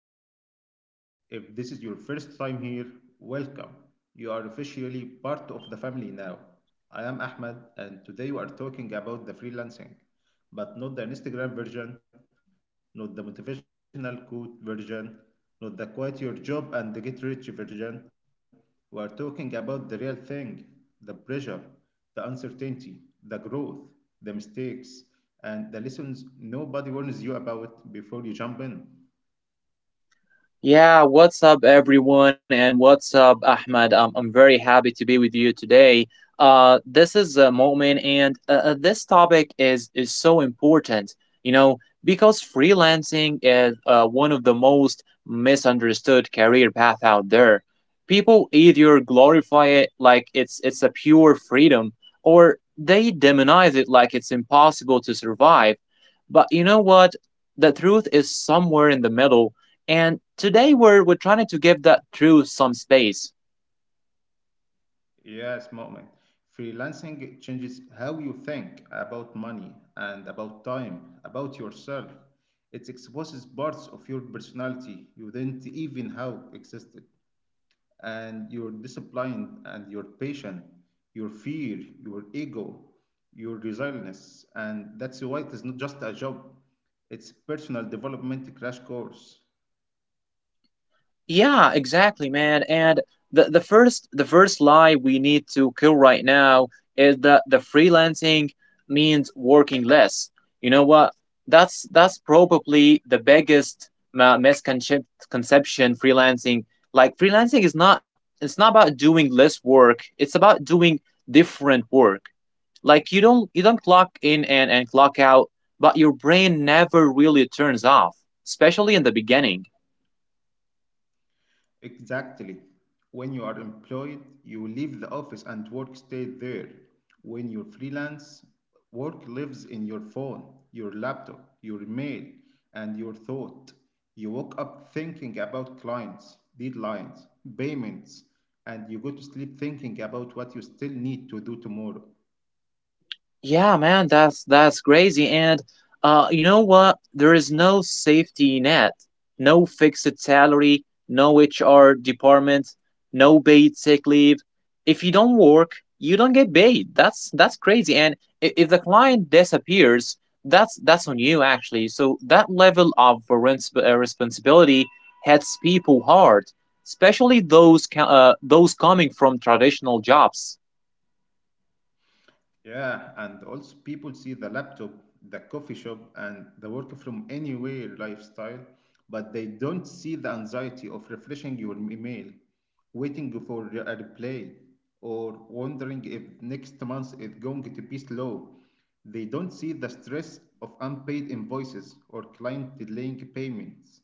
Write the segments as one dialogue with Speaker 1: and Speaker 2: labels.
Speaker 1: to the podcast. If this is your first time here, welcome. You are officially part of the family now. I am Ahmed, and today we are talking about the freelancing, but not the Instagram version, not the motivational quote version, not the quit your job and get rich version. We are talking about the real thing, the pressure, the uncertainty, the growth, the mistakes, and the lessons nobody warns you about before you jump in.
Speaker 2: Yeah, what's up, everyone, and what's up, Ahmed? I'm very happy to be with you today. This is a moment, and this topic is so important, you know, because freelancing is one of the most misunderstood career path out there. People either glorify it like it's a pure freedom, or they demonize it like it's impossible to survive. But you know what? The truth is somewhere in the middle, and today we're trying to give that truth some space.
Speaker 1: Yes, moment. Freelancing changes how you think about money and about time, about yourself. It exposes parts of your personality you didn't even know existed, and your discipline and your patience, your fear, your ego, your resilience, and that's why it is not just a job. It's personal development crash course.
Speaker 2: Yeah, exactly, man. And the first lie we need to kill right now is that the freelancing means working less. You know what? That's probably the biggest misconception freelancing. Like freelancing is not it's not about doing less work. It's about doing different work. Like you don't clock in and clock out, but your brain never really turns off, especially in the beginning.
Speaker 1: Exactly. When you are employed, you leave the office and work stays there. When you're freelance, work lives in your phone, your laptop, your mail, and your thought. You wake up thinking about clients, deadlines, payments, and you go to sleep thinking about what you still need to do tomorrow.
Speaker 2: Yeah, man, that's crazy. And you know what? There is no safety net, no fixed salary, no HR department, no paid sick leave. If you don't work, you don't get paid. That's crazy. And if the client disappears, that's on you actually. So that level of responsibility hits people hard, especially those those coming from traditional jobs.
Speaker 1: Yeah, and also people see the laptop, the coffee shop, and the work from anywhere lifestyle, but they don't see the anxiety of refreshing your email, waiting for a reply, or wondering if next month is going to be slow. They don't see the stress of unpaid invoices or client delaying payments.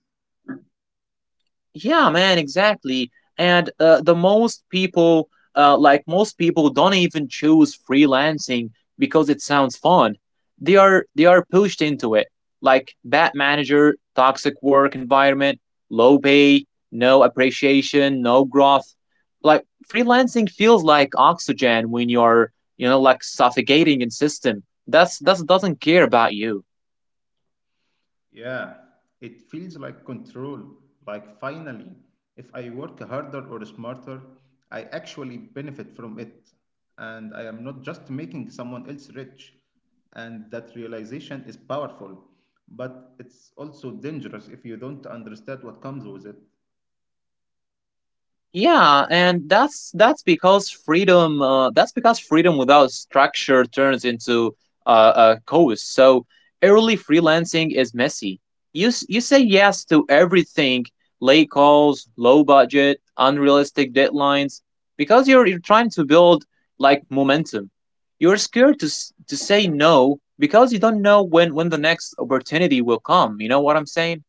Speaker 2: Yeah, man, exactly. And like most people, don't even choose freelancing because it sounds fun. They are pushed into it, like bad manager, toxic work environment, low pay, no appreciation, no growth. Like freelancing feels like oxygen when you're, you know, like suffocating in system. That's that doesn't care about you.
Speaker 1: Yeah, it feels like control. Like finally, if I work harder or smarter, I actually benefit from it. And I am not just making someone else rich. And that realization is powerful. But it's also dangerous if you don't understand what comes with it.
Speaker 2: Yeah, and that's because freedom. That's because freedom without structure turns into a chaos. So early freelancing is messy. You say yes to everything: late calls, low budget, unrealistic deadlines, because you're trying to build like momentum. You're scared to to say no because you don't know when the next opportunity will come. You know what I'm saying?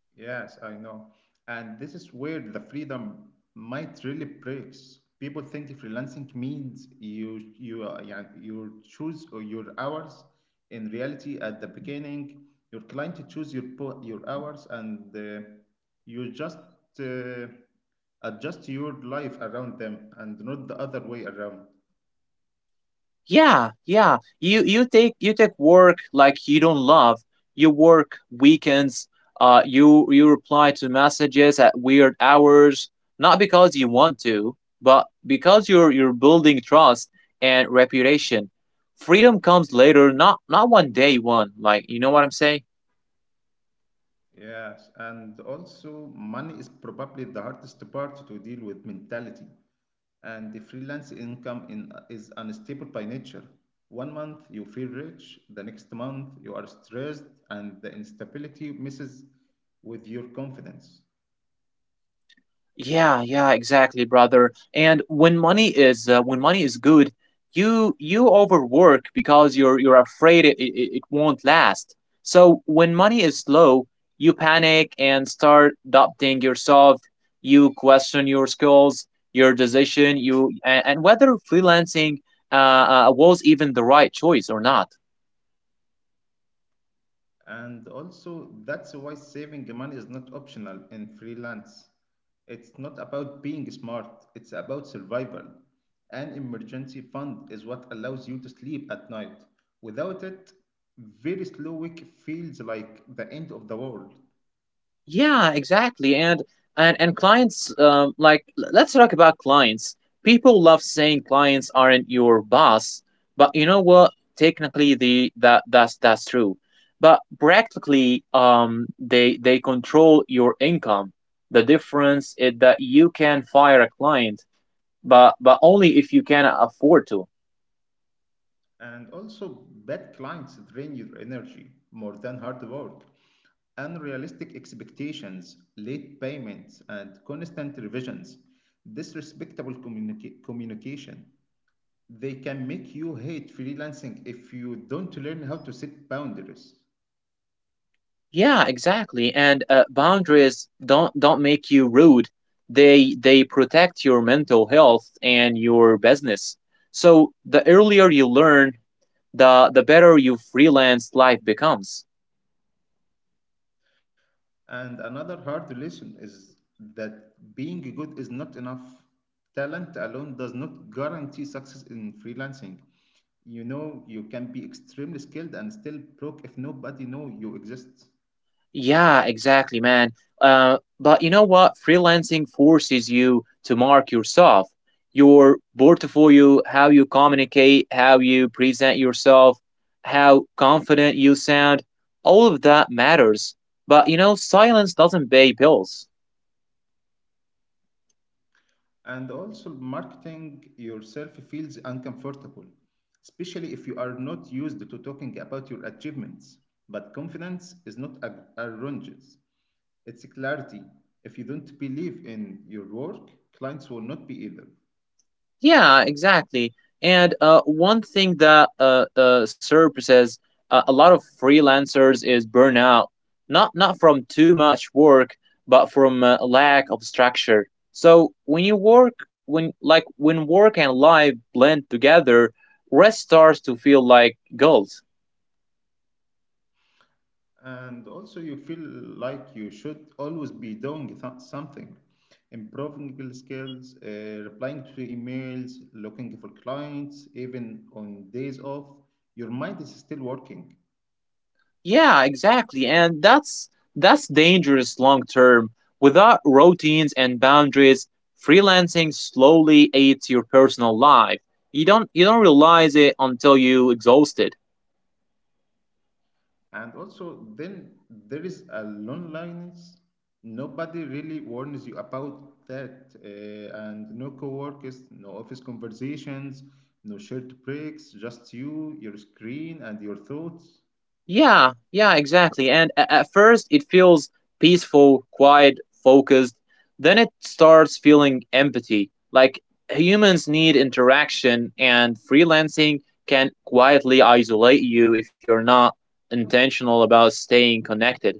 Speaker 1: Yes, I know. And this is where the freedom might really breaks. People think freelancing means you you yeah, you choose or your hours. In reality, at the beginning, your client choose your your hours, and you just uh, adjust your life around them, and not the other way around.
Speaker 2: Yeah, yeah. You take work like you don't love. You work weekends. You reply to messages at weird hours, not because you want to, but because you're building trust and reputation. Freedom comes later, not one day one. Like you know what I'm saying?
Speaker 1: Yes, and also money is probably the hardest part to deal with mentality. And the freelance income is unstable by nature. One month you feel rich, the next month you are stressed, and the instability messes with your confidence.
Speaker 2: Yeah, yeah, exactly, brother. And when money is good, you overwork because you're afraid it won't last. So when money is low, you panic and start doubting yourself. You question your skills, your decision, and whether freelancing was even the right choice or not.
Speaker 1: And also, that's why saving money is not optional in freelance. It's not about being smart, it's about survival. An emergency fund is what allows you to sleep at night. Without it, very slow week feels like the end of the world.
Speaker 2: Yeah, exactly. And let's talk about clients. People love saying clients aren't your boss, but you know what? Technically, the that that's true. But practically, they control your income. The difference is that you can fire a client, but only if you can afford to.
Speaker 1: And also, bad clients drain your energy more than hard work. Unrealistic expectations, late payments, and constant revisions, communication. They can make you hate freelancing if you don't learn how to set boundaries.
Speaker 2: Yeah, exactly. And boundaries don't make you rude. They protect your mental health and your business. So the earlier you learn, the better your freelance life becomes.
Speaker 1: And another hard lesson is that being good is not enough. Talent alone does not guarantee success in freelancing. You know, you can be extremely skilled and still broke if nobody know you exist.
Speaker 2: Yeah, exactly, man. But you know what? Freelancing forces you to mark yourself, your portfolio, how you communicate, how you present yourself, how confident you sound. All of that matters. But you know, silence doesn't pay bills.
Speaker 1: And also, marketing yourself feels uncomfortable, especially if you are not used to talking about your achievements. But confidence is not arrogance. It's clarity. If you don't believe in your work, clients will not be either.
Speaker 2: Yeah, exactly. And one thing that SERP says a lot of freelancers is burnout, not from too much work, but from lack of structure. So when you work, when like when work and life blend together, rest starts to feel like gold.
Speaker 1: And also, you feel like you should always be doing something, improving your skills, replying to emails, looking for clients, even on days off. Your mind is still working.
Speaker 2: Yeah, exactly. And that's dangerous long term. Without routines and boundaries, freelancing slowly eats your personal life. You don't realize it until you exhaust it.
Speaker 1: And also, then there is a loneliness. Nobody really warns you about that. And no coworkers, no office conversations, no shared breaks, just you, your screen, and your thoughts.
Speaker 2: Yeah, yeah, exactly. And at first, it feels peaceful, quiet, focused. Then it starts feeling empty. Like humans need interaction, and freelancing can quietly isolate you if you're not intentional about staying connected.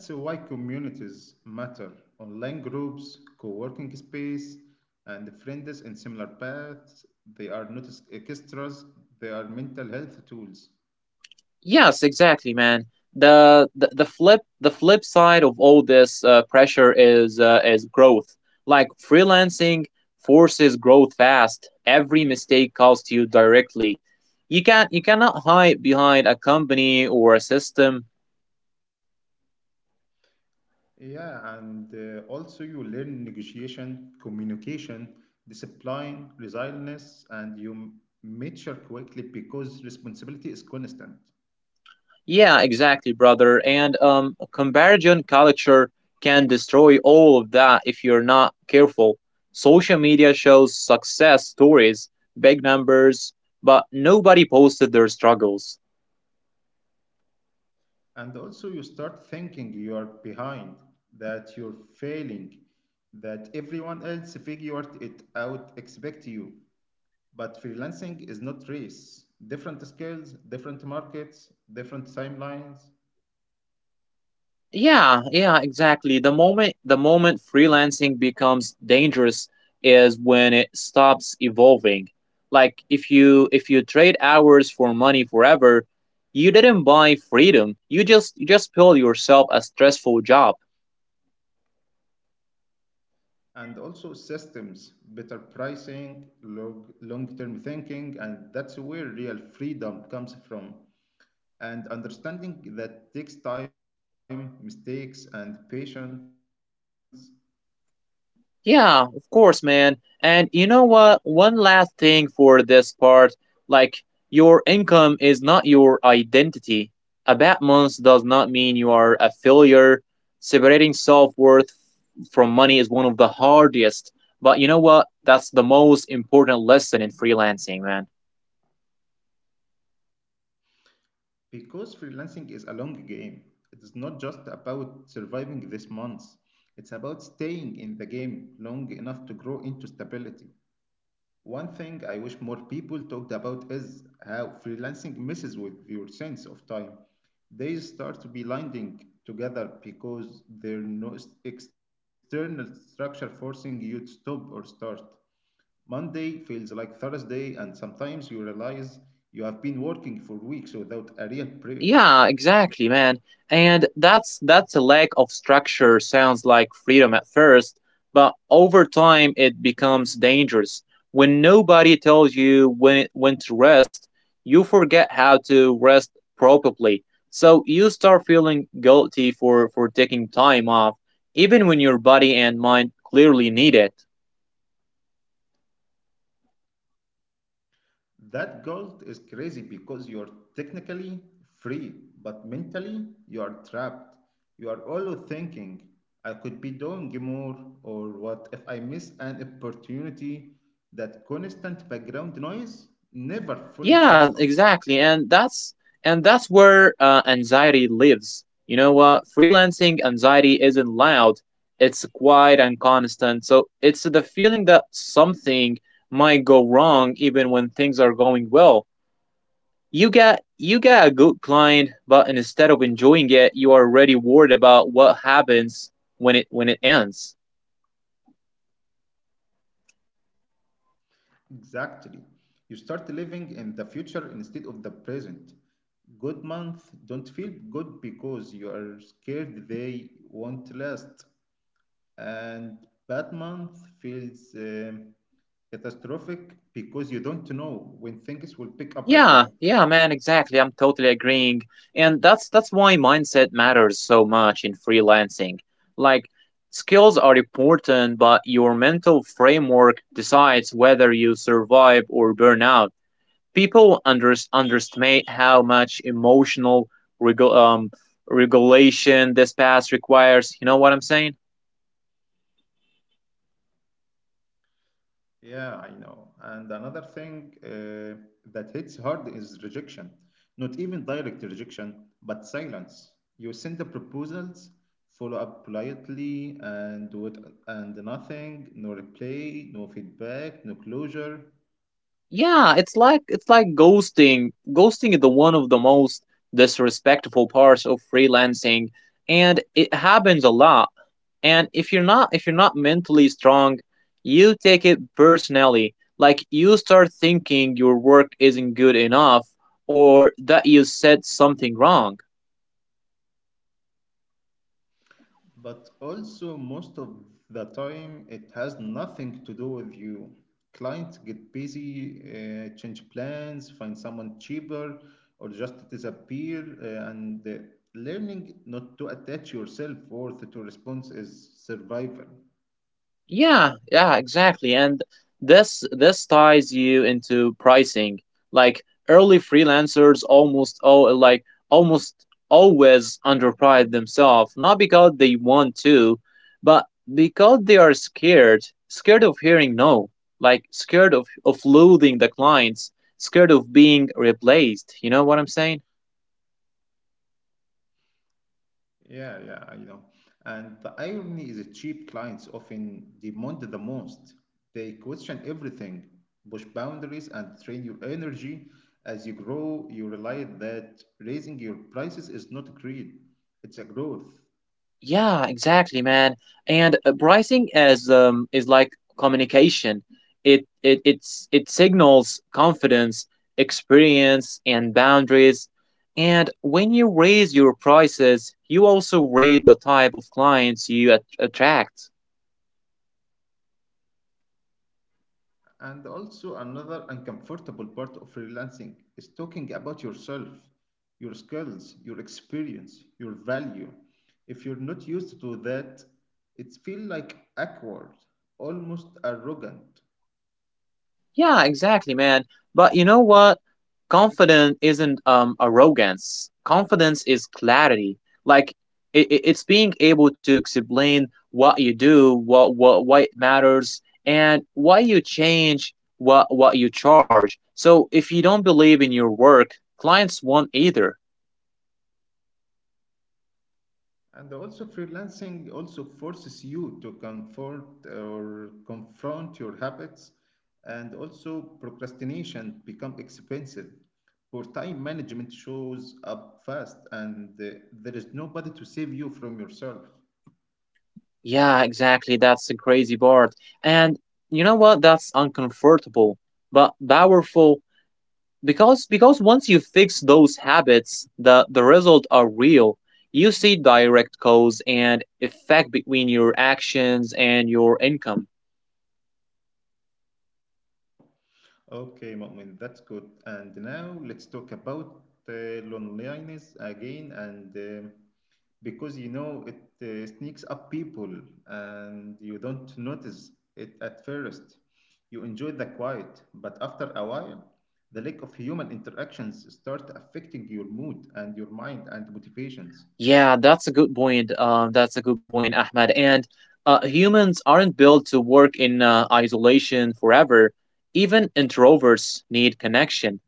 Speaker 1: That's why communities matter. Online groups, co working space, and friends in similar paths, they are not extras, they are mental health tools.
Speaker 2: Yes, exactly, man. The flip side of all this pressure is growth. Like freelancing forces growth fast. Every mistake costs you directly. You cannot hide behind a company or a system.
Speaker 1: Yeah, and also you learn negotiation, communication, discipline, resilience, and you mature quickly because responsibility is constant.
Speaker 2: Yeah, exactly, brother. And comparison culture can destroy all of that if you're not careful. Social media shows success stories, big numbers, but nobody posted their struggles.
Speaker 1: And also you start thinking you are behind, that you're failing, that everyone else figured it out expect you. But freelancing is not race. Different skills, different markets, different timelines,
Speaker 2: Yeah, yeah, exactly. The moment freelancing becomes dangerous is when it stops evolving. Like if you trade hours for money forever, you didn't buy freedom. You just built yourself a stressful job.
Speaker 1: and also systems, better pricing, long-term thinking, and that's where real freedom comes from. And understanding that takes time, mistakes, and patience,
Speaker 2: Yeah, of course, man. And you know what? One last thing for this part like, your income is not your identity. A bad month does not mean you are a failure. Separating self worth from money is one of the hardest. But you know what? That's the most important lesson in freelancing, man.
Speaker 1: because freelancing is a long game. It is not just about surviving this month. It's about staying in the game long enough to grow into stability. One thing I wish more people talked about is how freelancing messes with your sense of time. Days start to be blending together because there's no external structure forcing you to stop or start. Monday feels like Thursday, and sometimes you realize you have been working for weeks without a real break.
Speaker 2: Yeah, exactly, man. And that's a lack of structure sounds like freedom at first, but over time it becomes dangerous. When nobody tells you when to rest, you forget how to rest properly. So you start feeling guilty for taking time off, even when your body and mind clearly need it.
Speaker 1: That guilt is crazy because you're technically free, but mentally you are trapped. You are always thinking, I could be doing more, or what if I miss an opportunity? That constant background noise never fully
Speaker 2: Yeah,
Speaker 1: shuts off.
Speaker 2: exactly. And that's where anxiety lives. You know what? Freelancing anxiety isn't loud. It's quiet and constant. So it's the feeling that something might go wrong even when things are going well. You get a good client, but instead of enjoying it, you are already worried about what happens when it ends.
Speaker 1: Exactly. You start living in the future instead of the present. Good month don't feel good because you are scared they won't last. And bad month feels catastrophic because you don't know when things will pick up again.
Speaker 2: Yeah, yeah, man, exactly. I'm totally agreeing. And that's why mindset matters so much in freelancing. Like skills are important, but your mental framework decides whether you survive or burn out. People underestimate how much emotional regu- um, regulation this path requires. You know what I'm saying?
Speaker 1: Yeah, I know. And another thing that hits hard is rejection. Not even direct rejection, but silence. You send the proposals, follow up politely, and nothing, no reply, no feedback, no closure.
Speaker 2: Yeah, it's like ghosting. Ghosting is the one of the most disrespectful parts of freelancing, and it happens a lot. And if you're not mentally strong, you take it personally. Like you start thinking your work isn't good enough or that you said something wrong.
Speaker 1: But also, most of the time, it has nothing to do with you. Clients get busy, change plans, find someone cheaper, or just disappear. And learning not to attach yourself worth to response is survival.
Speaker 2: Yeah, yeah, exactly. And this ties you into pricing. Like early freelancers almost oh like almost always underprice themselves, not because they want to, but because they are scared, scared of hearing no, like scared of losing the clients, scared of being replaced. You know what I'm saying?
Speaker 1: Yeah, I know. And the irony is that cheap clients often demand the most. They question everything, push boundaries, and train your energy. As you grow, you realize that raising your prices is not greed, it's a growth.
Speaker 2: Yeah, exactly, man. And pricing as is like communication. It signals confidence, experience, and boundaries. And when you raise your prices, you also raise the type of clients you at attract.
Speaker 1: And also, another uncomfortable part of freelancing is talking about yourself, your skills, your experience, your value. If you're not used to that, it feels like awkward, almost arrogant.
Speaker 2: Yeah, exactly, man. But you know what? Confidence isn't arrogance. Confidence is clarity. Like it's being able to explain what you do, what why it matters, and why you change what you charge. So if you don't believe in your work, clients won't either.
Speaker 1: And also, freelancing also forces you to confront or confront your habits, and also procrastination become expensive. Poor time management shows up fast, and there is nobody to save you from yourself.
Speaker 2: Yeah, exactly. That's the crazy part. And you know what? That's uncomfortable, but powerful because once you fix those habits, the results are real. You see direct cause and effect between your actions and your income.
Speaker 1: Okay, Mu'min, that's good. And now let's talk about loneliness again. And because you know it sneaks up people and you don't notice it at first, you enjoy the quiet. But after a while, the lack of human interactions start affecting your mood and your mind and motivations.
Speaker 2: Yeah, that's a good point. That's a good point, Ahmed. And humans aren't built to work in isolation forever. Even introverts need connection,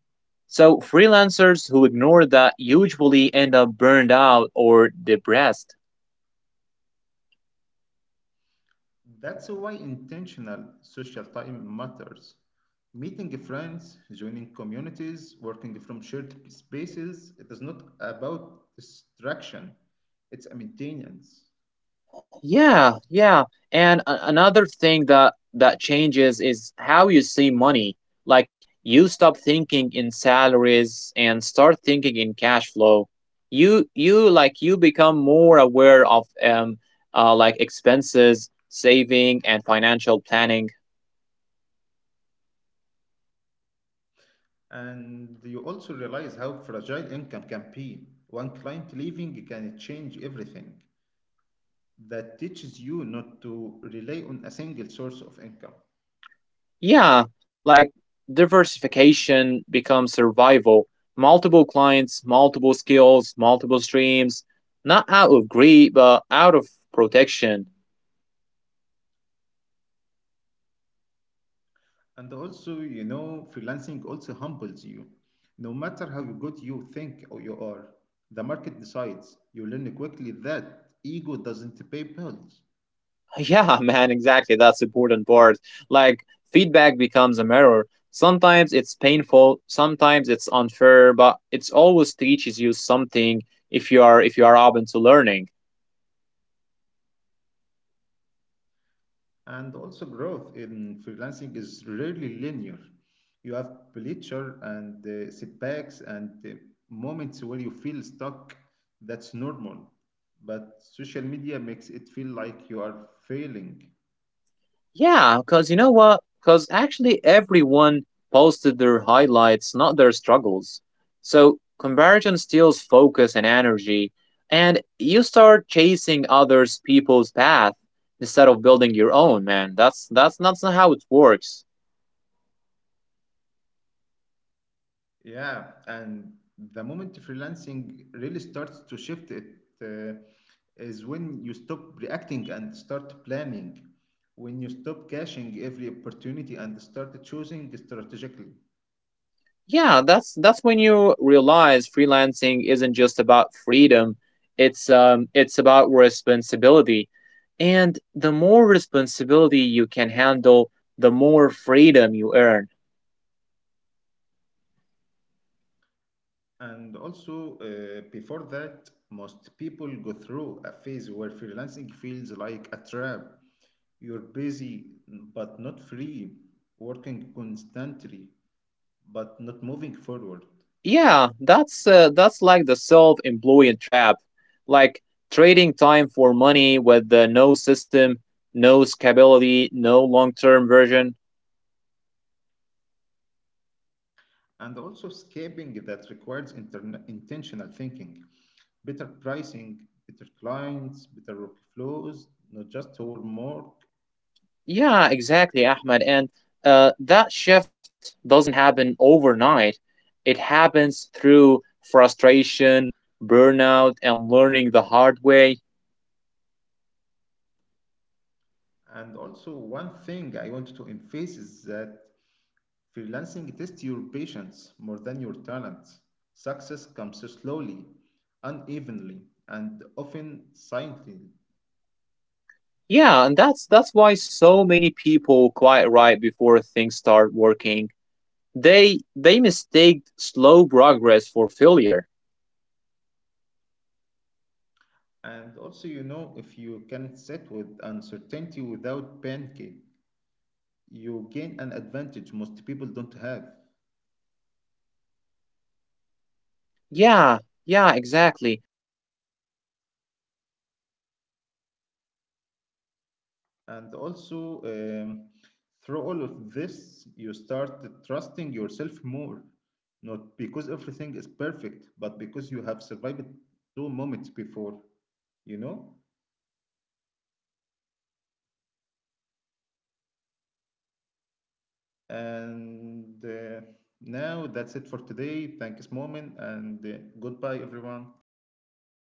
Speaker 2: so freelancers who ignore that usually end up burned out or depressed.
Speaker 1: That's why intentional social time matters. Meeting friends, joining communities, working from shared spaces, it is not about distraction, it's a maintenance.
Speaker 2: Yeah, yeah. And another thing that that changes is how you see money. Like you stop thinking in salaries and start thinking in cash flow. You become more aware of expenses, saving and financial planning.
Speaker 1: And you also realize how fragile income can be. One client leaving can change everything. That teaches you not to rely on a single source of income.
Speaker 2: Yeah, like diversification becomes survival. Multiple clients, multiple skills, multiple streams, not out of greed, but out of protection.
Speaker 1: And also, you know, freelancing also humbles you. No matter how good you think or you are, the market decides. You learn quickly that ego doesn't pay bills.
Speaker 2: Yeah, man, exactly. That's important part. Like feedback becomes a mirror. Sometimes it's painful, sometimes it's unfair, but it's always teaches you something if you are open to learning.
Speaker 1: And also, growth in freelancing is rarely linear. You have pleasure and setbacks and moments where you feel stuck. That's normal. But social media makes it feel like you are failing.
Speaker 2: Yeah, because you know what? Because actually everyone posted their highlights, not their struggles. So comparison steals focus and energy, and you start chasing others people's path instead of building your own, man. That's not how it works.
Speaker 1: Yeah, and the moment freelancing really starts to shift, it uh, is when you stop reacting and start planning, when you stop caching every opportunity and start choosing strategically.
Speaker 2: Yeah, that's when you realize freelancing isn't just about freedom. It's about responsibility. And the more responsibility you can handle, the more freedom you earn.
Speaker 1: And also, before that, most people go through a phase where freelancing feels like a trap. You're busy but not free, working constantly but not moving forward.
Speaker 2: Yeah, that's like the self-employed trap. Like trading time for money with no system, no scalability, no long-term version.
Speaker 1: And also scaping that requires intern intentional thinking, better pricing, better clients, better workflows, not just homework.
Speaker 2: Yeah, exactly, Ahmed. And that shift doesn't happen overnight. It happens through frustration, burnout, and learning the hard way.
Speaker 1: And also, one thing I want to emphasize is that freelancing tests your patience more than your talents. Success comes slowly, unevenly, and often silently.
Speaker 2: Yeah, and that's why so many people quite right before things start working. They mistake slow progress for failure.
Speaker 1: And also, you know, if you can sit with uncertainty without panicking, you gain an advantage most people don't have.
Speaker 2: Yeah, yeah, exactly. And like freelancing rewards, like those who can stay calm
Speaker 1: And
Speaker 2: in
Speaker 1: also,
Speaker 2: coast,
Speaker 1: through
Speaker 2: consistent
Speaker 1: all
Speaker 2: in
Speaker 1: of
Speaker 2: doubts
Speaker 1: this, you
Speaker 2: and
Speaker 1: start
Speaker 2: discipline without
Speaker 1: trusting
Speaker 2: sur
Speaker 1: yourself more,
Speaker 2: supervision.
Speaker 1: not because everything is perfect, but because you have survived two moments before, you know? And now that's it for today. Thanks, Moment, and goodbye, everyone.